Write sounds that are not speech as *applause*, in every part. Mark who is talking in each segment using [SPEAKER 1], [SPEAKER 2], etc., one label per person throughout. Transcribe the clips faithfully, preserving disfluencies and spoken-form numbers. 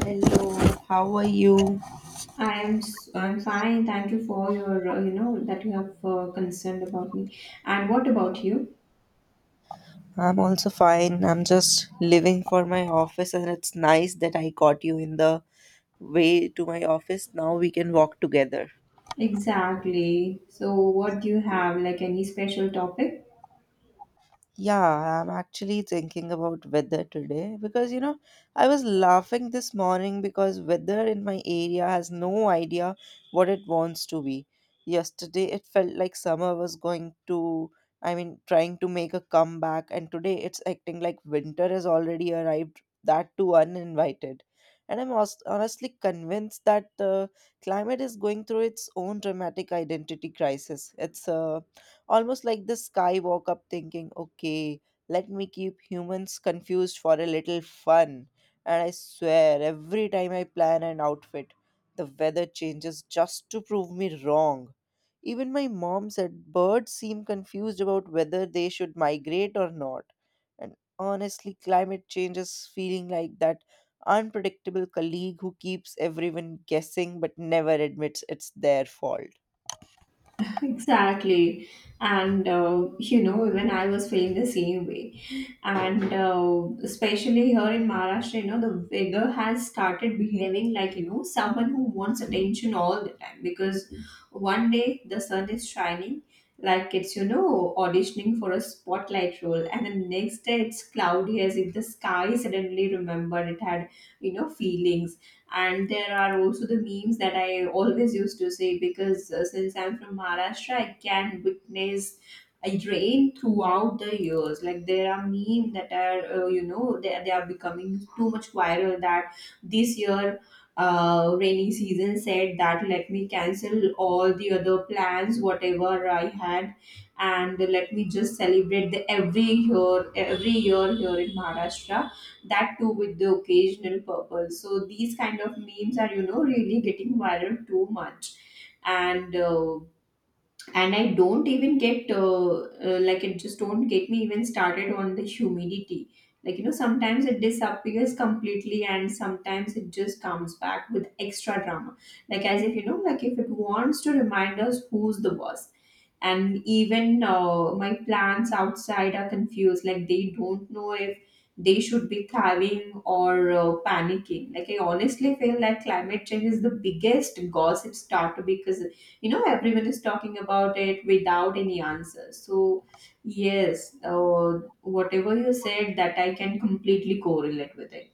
[SPEAKER 1] Hello, how are you?
[SPEAKER 2] I am s- I'm fine. Thank you for your uh, you know that you have uh, concerned about me. And what about you?
[SPEAKER 1] I'm also fine. I'm just living for my office, and it's nice that I got you in the way to my office. Now we can walk together.
[SPEAKER 2] Exactly. So what do you have, like, any special topic?
[SPEAKER 1] Yeah, I'm actually thinking about weather today because you know, I was laughing this morning because weather in my area has no idea what it wants to be. Yesterday, it felt like summer was going to, I mean, trying to make a comeback, and today it's acting like winter has already arrived, that too uninvited. And I'm hos- honestly convinced that the climate is going through its own dramatic identity crisis. It's uh, Almost like the sky woke up thinking, okay, let me keep humans confused for a little fun. And I swear, every time I plan an outfit, the weather changes just to prove me wrong. Even my mom said birds seem confused about whether they should migrate or not. And honestly, climate change is feeling like that unpredictable colleague who keeps everyone guessing but never admits it's their fault.
[SPEAKER 2] *laughs* Exactly. And uh, you know even I was feeling the same way. and uh, especially here in Maharashtra, you know, the beggar has started behaving like you know someone who wants attention all the time, because one day the sun is shining like it's you know auditioning for a spotlight role, and the next day it's cloudy as if the sky suddenly remembered it had you know feelings. And there are also the memes that I always used to say, because uh, since I'm from Maharashtra I can witness I drain throughout the years. Like there are memes that are, uh, you know, they, they are becoming too much viral, that this year uh, rainy season said that, let me cancel all the other plans, whatever I had, and let me just celebrate the every year, every year here in Maharashtra. That too with the occasional purpose. So these kind of memes are, you know, really getting viral too much. And uh, and I don't even get uh, uh, like, it just don't get me even started on the humidity. Like you know sometimes it disappears completely and sometimes it just comes back with extra drama, like as if you know like if it wants to remind us who's the boss. And even uh, my plants outside are confused, like they don't know if they should be thriving or uh, panicking. Like, I honestly feel like climate change is the biggest gossip starter, because you know everyone is talking about it without any answer. So yes, uh, whatever you said, that I can completely correlate with it.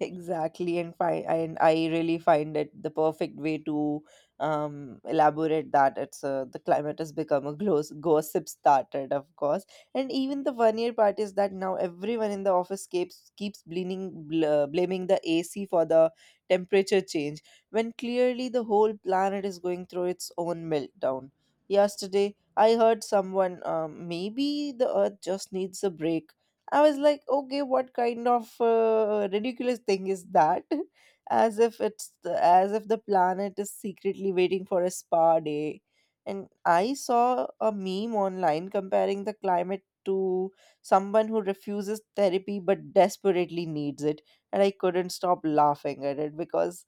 [SPEAKER 1] Exactly, and fi- and I really find it the perfect way to um, elaborate that it's uh the climate has become a glos- gossip started, of course, and even the one year part is that now everyone in the office keeps keeps blaming bl- uh, blaming the A C for the temperature change when clearly the whole planet is going through its own meltdown. Yesterday, I heard someone, um, maybe the Earth just needs a break. I was like, okay, what kind of uh, ridiculous thing is that? *laughs* as if it's the, as if the planet is secretly waiting for a spa day. And I saw a meme online comparing the climate to someone who refuses therapy but desperately needs it. And I couldn't stop laughing at it because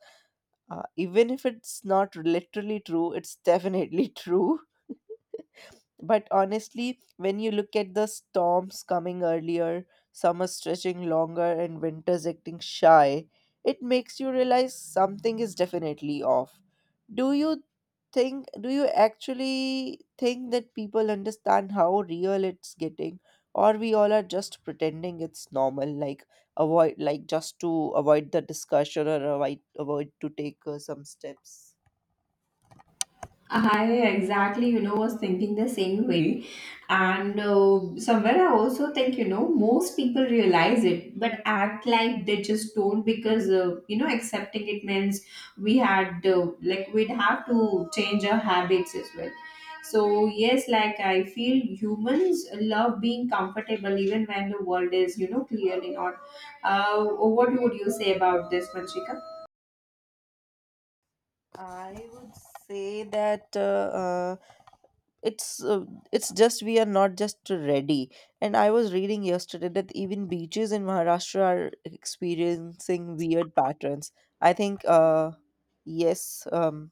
[SPEAKER 1] uh, even if it's not literally true, it's definitely *laughs* true. But honestly, when you look at the storms coming earlier, summer stretching longer, and winters acting shy, it makes you realize something is definitely off. Do you think, do you actually think that people understand how real it's getting? Or we all are just pretending it's normal, like avoid, like just to avoid the discussion or avoid, avoid to take uh, some steps.
[SPEAKER 2] I exactly, you know, was thinking the same way. And uh, somewhere I also think, you know, most people realize it but act like they just don't, because uh, you know, accepting it means we had, uh, like, we'd have to change our habits as well. So, yes, like, I feel humans love being comfortable even when the world is, you know, clearly not. Uh, what would you say about this, Manchika?
[SPEAKER 1] I would say that uh, uh, it's uh, it's just we are not just ready. And I was reading yesterday that even beaches in Maharashtra are experiencing weird patterns. I think, uh yes, um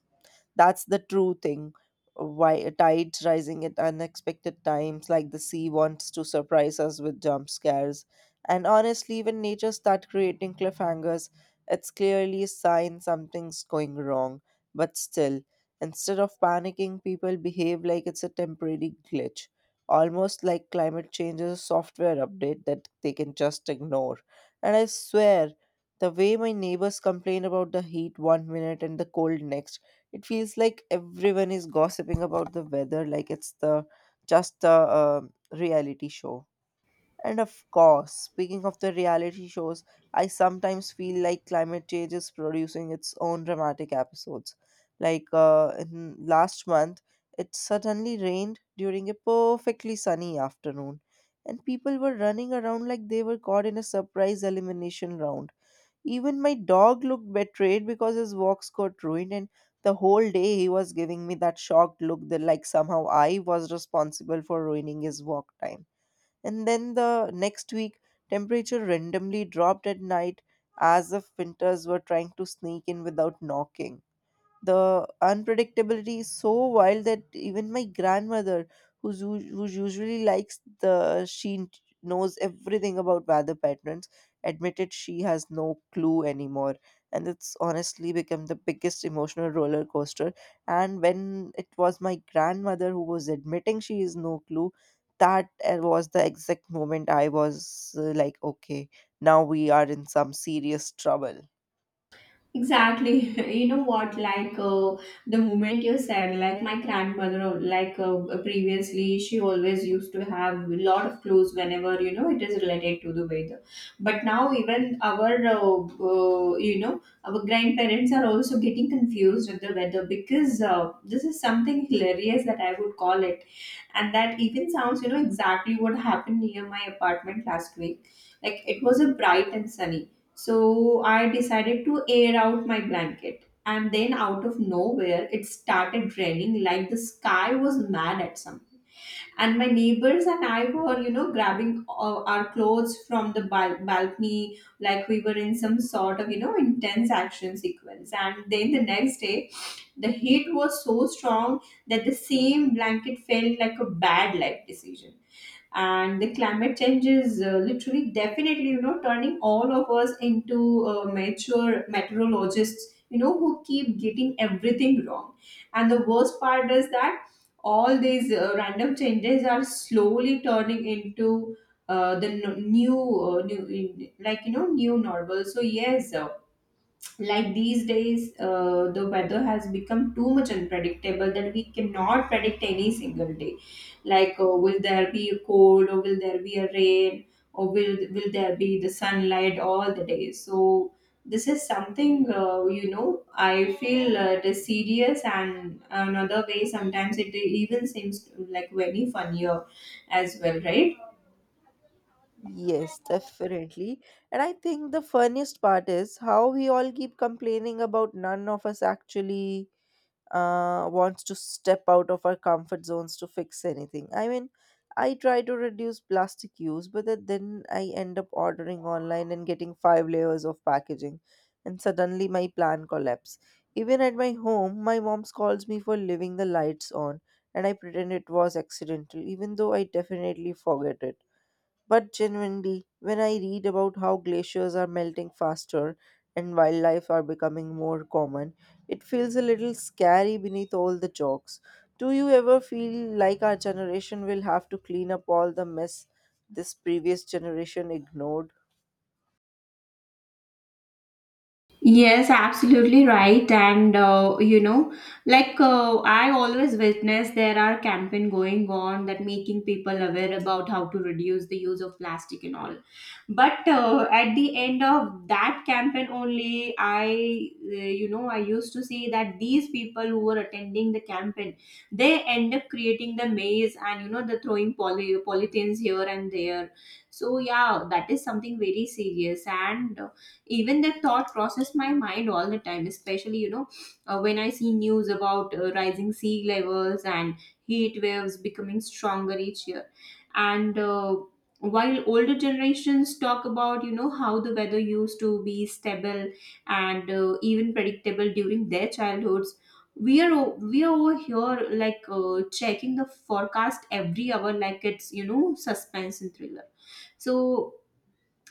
[SPEAKER 1] that's the true thing. Why tides rising at unexpected times, like the sea wants to surprise us with jump scares. And honestly, when nature starts creating cliffhangers, it's clearly a sign something's going wrong. But still, instead of panicking, people behave like it's a temporary glitch, almost like climate change is a software update that they can just ignore. And I swear, the way my neighbors complain about the heat one minute and the cold next, it feels like everyone is gossiping about the weather like it's the just a um reality show. And of course, speaking of the reality shows, I sometimes feel like climate change is producing its own dramatic episodes. Like uh, in last month, it suddenly rained during a perfectly sunny afternoon, and people were running around like they were caught in a surprise elimination round. Even my dog looked betrayed because his walks got ruined, and the whole day he was giving me that shocked look that, like, somehow I was responsible for ruining his walk time. And then the next week, temperature randomly dropped at night as if winters were trying to sneak in without knocking. The unpredictability is so wild that even my grandmother, who's us- who usually likes the she n- knows everything about weather patterns, admitted she has no clue anymore. And it's honestly become the biggest emotional roller coaster. And when it was my grandmother who was admitting she is no clue, that uh, was the exact moment I was uh, like, okay, now we are in some serious trouble.
[SPEAKER 2] Exactly. *laughs* You know what? Like uh, the moment you said, like my grandmother, uh, like uh, previously, she always used to have a lot of clothes whenever you know it is related to the weather. But now even our, uh, uh, you know, our grandparents are also getting confused with the weather, because uh, this is something hilarious that I would call it, and that even sounds, you know, exactly what happened near my apartment last week. Like, it was a bright and sunny, so I decided to air out my blanket. And then, out of nowhere, it started raining like the sky was mad at something. And my neighbors and I were, you know, grabbing uh, our clothes from the bal- balcony like we were in some sort of, you know, intense action sequence. And then the next day, the heat was so strong that the same blanket felt like a bad life decision. And the climate change is uh, literally definitely you know turning all of us into uh, mature meteorologists, you know who keep getting everything wrong. And the worst part is that all these uh, random changes are slowly turning into uh, the n- new, uh, new, like, you know new normal. So yes, uh, like, these days uh, the weather has become too much unpredictable that we cannot predict any single day. Like, uh, will there be a cold or will there be a rain, or will will there be the sunlight all the day? So this is something uh, you know I feel uh, it is serious, and another way sometimes it even seems like very funnier as well, right?
[SPEAKER 1] Yes, definitely. And I think the funniest part is how we all keep complaining about none of us actually uh, wants to step out of our comfort zones to fix anything. I mean, I try to reduce plastic use, but then then I end up ordering online and getting five layers of packaging, and suddenly my plan collapses. Even at my home, my mom scolds me for leaving the lights on, and I pretend it was accidental, even though I definitely forget it. But genuinely, when I read about how glaciers are melting faster and wildlife are becoming more common, it feels a little scary beneath all the jokes. Do you ever feel like our generation will have to clean up all the mess this previous generation ignored?
[SPEAKER 2] Yes, absolutely right. And uh, you know, like uh, I always witness there are campaign going on that making people aware about how to reduce the use of plastic and all. But uh, at the end of that campaign only, I uh, you know I used to see that these people who were attending the campaign, they end up creating the maze and you know the throwing poly polythenes here and there. So yeah, that is something very serious and. uh, Even that thought crosses my mind all the time, especially you know uh, when I see news about uh, rising sea levels and heat waves becoming stronger each year. And uh, while older generations talk about you know how the weather used to be stable and uh, even predictable during their childhoods, we are o- we are over here like uh, checking the forecast every hour like it's you know suspense and thriller. So,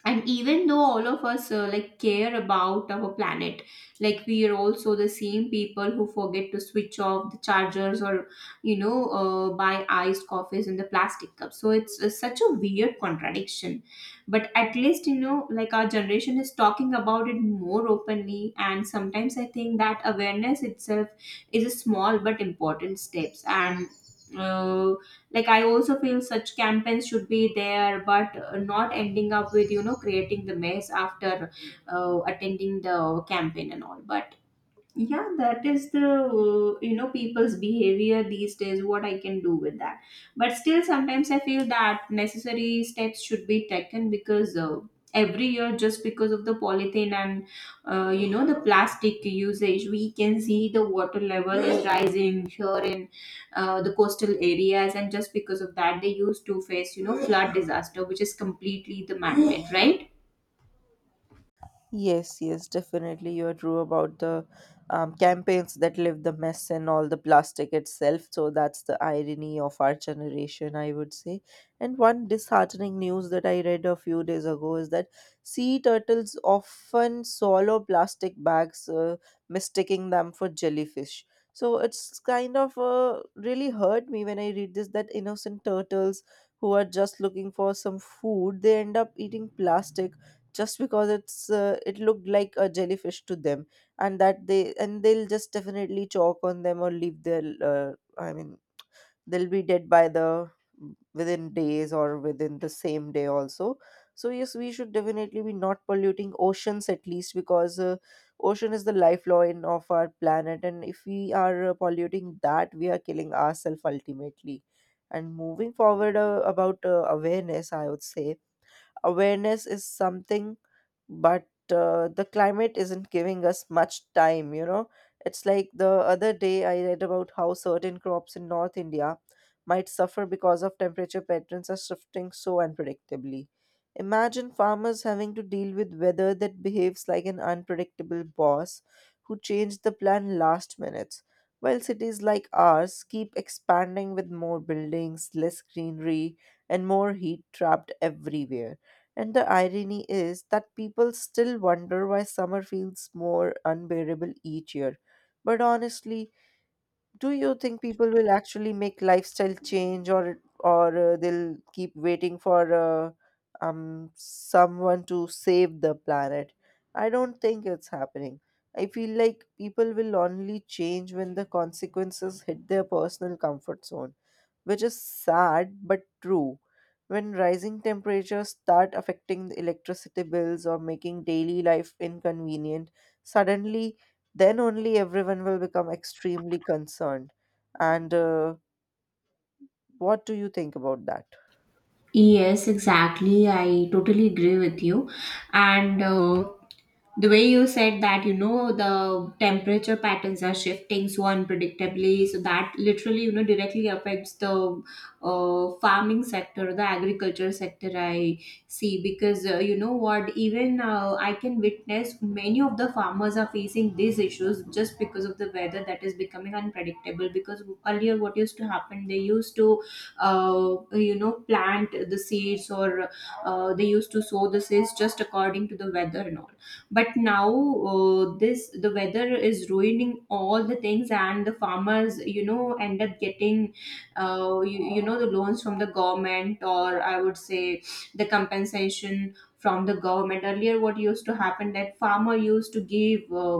[SPEAKER 2] and even though all of us uh, like care about our planet, like we are also the same people who forget to switch off the chargers or you know uh, buy iced coffees in the plastic cup. So it's uh, such a weird contradiction, but at least you know like, our generation is talking about it more openly. And sometimes I think that awareness itself is a small but important steps. And uh, like, I also feel such campaigns should be there, but uh, not ending up with you know creating the mess after uh, attending the campaign and all. But yeah, that is the uh, you know people's behavior these days, what I can do with that. But still sometimes I feel that necessary steps should be taken, because uh, every year, just because of the polythene and uh, you know the plastic usage, we can see the water level is rising here in uh, the coastal areas. And just because of that they used to face you know flood disaster, which is completely the man made, right?
[SPEAKER 1] Yes, yes, definitely. You're true about the um, campaigns that live the mess and all the plastic itself. So that's the irony of our generation, I would say. And one disheartening news that I read a few days ago is that sea turtles often swallow plastic bags, uh, mistaking them for jellyfish. So it's kind of uh, really hurt me when I read this that innocent turtles who are just looking for some food, they end up eating plastic just because it's uh, it looked like a jellyfish to them, and that they and they'll just definitely chalk on them or leave their, uh, I mean, they'll be dead by the within days or within the same day also. So yes, we should definitely be not polluting oceans at least because, uh, ocean is the lifeline of our planet, and if we are uh, polluting that, we are killing ourselves ultimately. And moving forward, uh, about uh, awareness, I would say awareness is something, but uh, the climate isn't giving us much time you know It's like the other day I read about how certain crops in North India might suffer because of temperature patterns are shifting so unpredictably. Imagine farmers having to deal with weather that behaves like an unpredictable boss who changed the plan last minute, while cities like ours keep expanding with more buildings, less greenery, and more heat trapped everywhere. And the irony is that people still wonder why summer feels more unbearable each year. But honestly, do you think people will actually make lifestyle change, or or uh, they'll keep waiting for uh, um someone to save the planet? I don't think it's happening. I feel like people will only change when the consequences hit their personal comfort zone, which is sad but true. When rising temperatures start affecting the electricity bills or making daily life inconvenient, suddenly, then only everyone will become extremely concerned. And uh, what do you think about that?
[SPEAKER 2] Yes, exactly. I totally agree with you. And uh, the way you said that, you know, the temperature patterns are shifting so unpredictably, so that literally, you know, directly affects the uh, farming sector, the agriculture sector. I see, because uh, you know what, even uh, I can witness many of the farmers are facing these issues just because of the weather that is becoming unpredictable. Because earlier, what used to happen, they used to uh, you know plant the seeds or uh, they used to sow the seeds just according to the weather and all. But now uh, this the weather is ruining all the things, and the farmers you know end up getting uh, you, you know the loans from the government, or I would say the compensation from the government. Earlier what used to happen, that farmer used to give uh,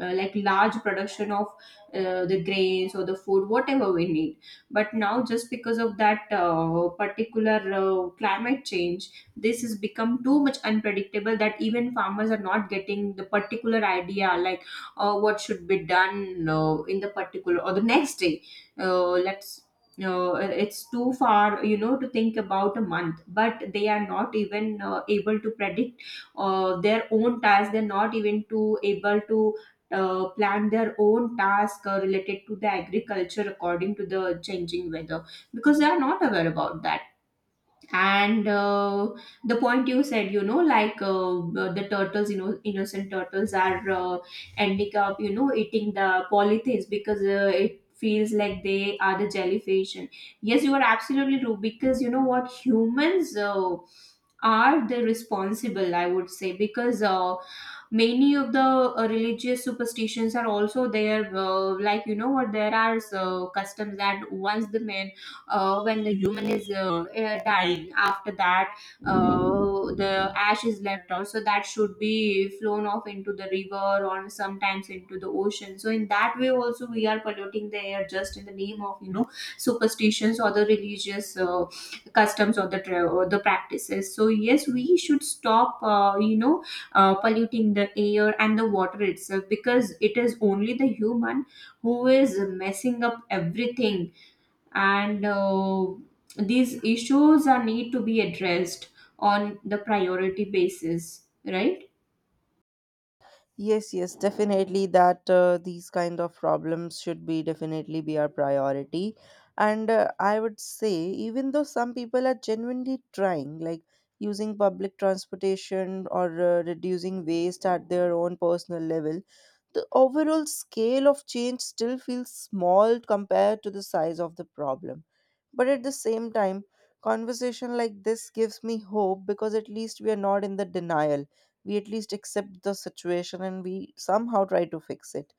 [SPEAKER 2] uh, like, large production of uh, the grains or the food, whatever we need. But now, just because of that uh, particular uh, climate change, this has become too much unpredictable that even farmers are not getting the particular idea, like uh, what should be done uh, in the particular or the next day. Uh, let's uh, it's too far you know to think about a month, but they are not even uh, able to predict uh, their own tasks. They're not even to able to uh, plan their own task uh, related to the agriculture according to the changing weather, because they are not aware about that. And uh, the point you said, you know like uh, the turtles, you know innocent turtles are uh, ending up you know eating the polythys, because uh, it feels like they are the jellyfish. And yes, you are absolutely true, because you know what, humans uh, are the responsible, I would say, because uh, many of the uh, religious superstitions are also there, uh, like you know what, there are uh, customs that once the man uh, when the human is uh, uh, dying, after that uh, the ash is left out, so that should be flown off into the river or sometimes into the ocean. So in that way also we are polluting the air, just in the name of you know superstitions or the religious uh, customs or the tra- or the practices. So yes, we should stop uh, you know uh, polluting the air and the water itself, because it is only the human who is messing up everything. And uh, these issues are need to be addressed on the priority basis, right?
[SPEAKER 1] Yes, yes, definitely that, uh, these kind of problems should be definitely be our priority. And uh, I would say, even though some people are genuinely trying, like using public transportation or uh, reducing waste at their own personal level, the overall scale of change still feels small compared to the size of the problem. But at the same time, conversation like this gives me hope because at least we are not in the denial. We at least accept the situation and we somehow try to fix it,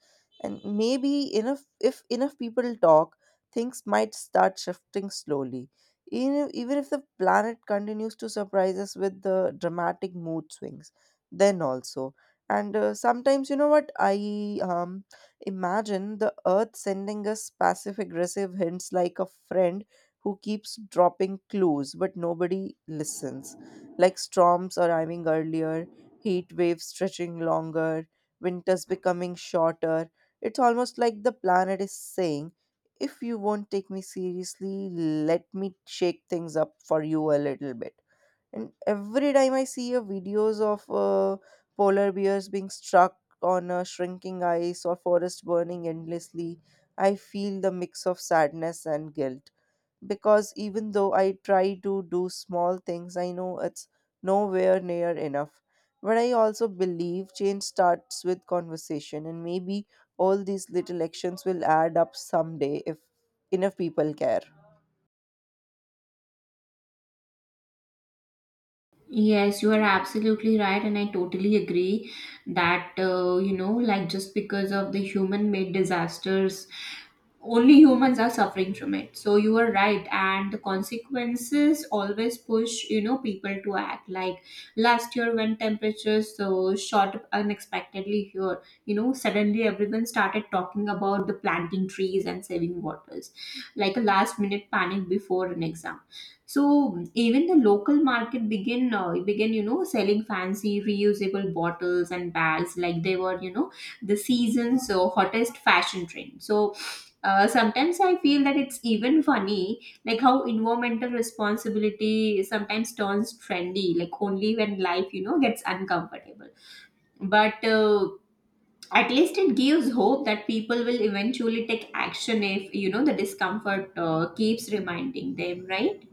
[SPEAKER 1] and maybe enough if enough people talk, things might start shifting slowly, even even if the planet continues to surprise us with the dramatic mood swings, then also. And uh, sometimes you know what, I um, imagine the earth sending us passive aggressive hints like a friend who keeps dropping clues but nobody listens, like storms arriving earlier, heat waves stretching longer, winters becoming shorter. It's almost like the planet is saying, if you won't take me seriously, let me shake things up for you a little bit. And every time I see a videos of uh, polar bears being struck on a shrinking ice or forest burning endlessly, I feel the mix of sadness and guilt because even though I try to do small things, I know it's nowhere near enough. But I also believe change starts with conversation, and maybe all these little actions will add up someday if enough people care.
[SPEAKER 2] Yes, you are absolutely right, and I totally agree that uh, you know, like, just because of the human made disasters, only humans are suffering from it. So you are right, and the consequences always push you know people to act. Like last year, when temperatures so shot up unexpectedly here, you know, suddenly everyone started talking about the planting trees and saving waters, like a last minute panic before an exam. So even the local market begin uh, begin you know selling fancy reusable bottles and bags, like they were you know the season's uh, hottest fashion trend. So uh, sometimes I feel that it's even funny, like how environmental responsibility sometimes turns trendy, like only when life you know gets uncomfortable. But uh, at least it gives hope that people will eventually take action if you know the discomfort uh, keeps reminding them, right?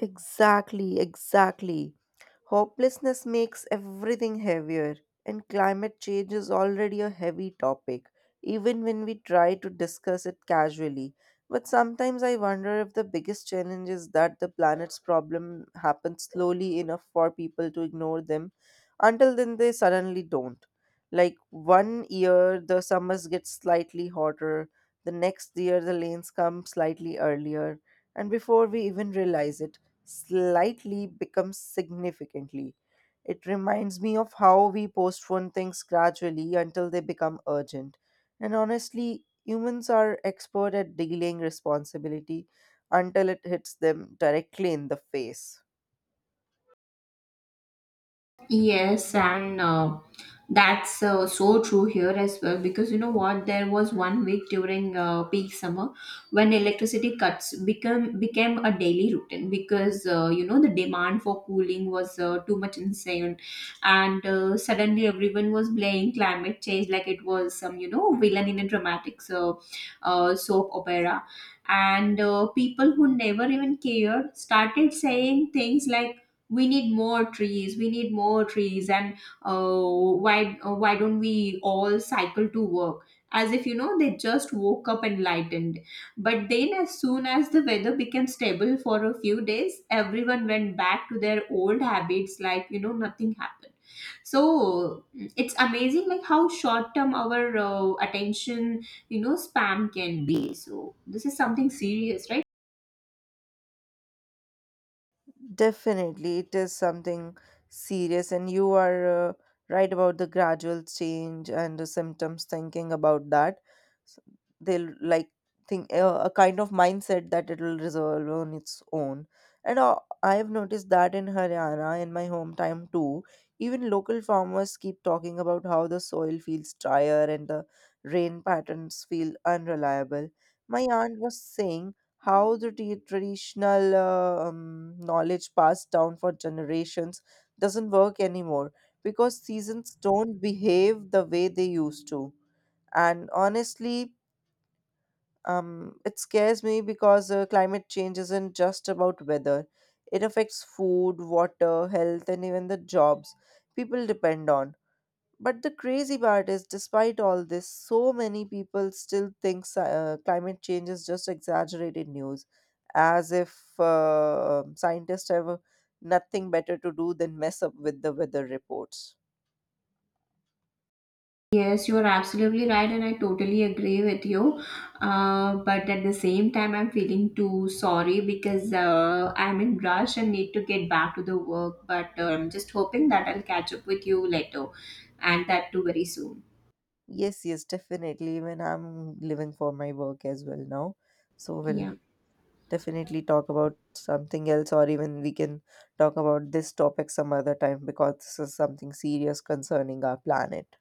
[SPEAKER 1] Exactly, exactly. Hopelessness makes everything heavier, and climate change is already a heavy topic, even when we try to discuss it casually. But sometimes I wonder if the biggest challenge is that the planet's problem happens slowly enough for people to ignore them until then they suddenly don't. Like one year, the summers get slightly hotter, the next year, the lanes come slightly earlier, and before we even realize it, slightly becomes significantly. It reminds me of how we postpone things gradually until they become urgent. And honestly, humans are expert at delaying responsibility until it hits them directly in the face.
[SPEAKER 2] Yes, and uh, that's uh, so true here as well, because you know what? There was one week during uh, peak summer when electricity cuts become became a daily routine, because uh, you know the demand for cooling was uh, too much insane. And uh, suddenly everyone was blaming climate change like it was some you know villain in a dramatic so, uh, soap opera. And uh, people who never even cared started saying things like, we need more trees, we need more trees, and uh, why uh, why don't we all cycle to work, as if you know they just woke up enlightened. But then as soon as the weather became stable for a few days, everyone went back to their old habits, like you know nothing happened. So it's amazing, like how short term our uh, attention you know spam can be. So this is something serious, right?
[SPEAKER 1] Definitely, it is something serious, and you are uh, right about the gradual change and the symptoms. Thinking about that, S- they'll like think uh, a kind of mindset that it will resolve on its own. And uh, I have noticed that in Haryana, in my hometown too, even local farmers keep talking about how the soil feels drier and the rain patterns feel unreliable. My aunt was saying how the t- traditional uh, um, knowledge passed down for generations doesn't work anymore because seasons don't behave the way they used to. And honestly, um, it scares me because, uh, climate change isn't just about weather, it affects food, water, health, and even the jobs people depend on. But the crazy part is, despite all this, so many people still think sci- uh, climate change is just exaggerated news, as if uh, scientists have nothing better to do than mess up with the weather reports.
[SPEAKER 2] Yes, you are absolutely right, and I totally agree with you. Uh, but at the same time, I'm feeling too sorry, because uh, I'm in rush and need to get back to the work. But uh, I'm just hoping that I'll catch up with you later, and that too very soon.
[SPEAKER 1] Yes, yes, definitely. Even I'm living for my work as well now. So we'll
[SPEAKER 2] Yeah.
[SPEAKER 1] definitely talk about something else, or even we can talk about this topic some other time because this is something serious concerning our planet.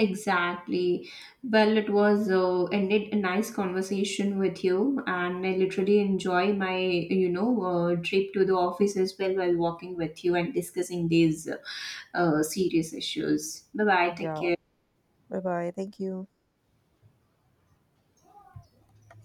[SPEAKER 2] Exactly. Well, it was uh, ended a nice conversation with you, and I literally enjoy my you know uh, trip to the office as well, while walking with you and discussing these uh, uh, serious issues. Bye bye. Take
[SPEAKER 1] Yeah.
[SPEAKER 2] care.
[SPEAKER 1] Bye bye. Thank you.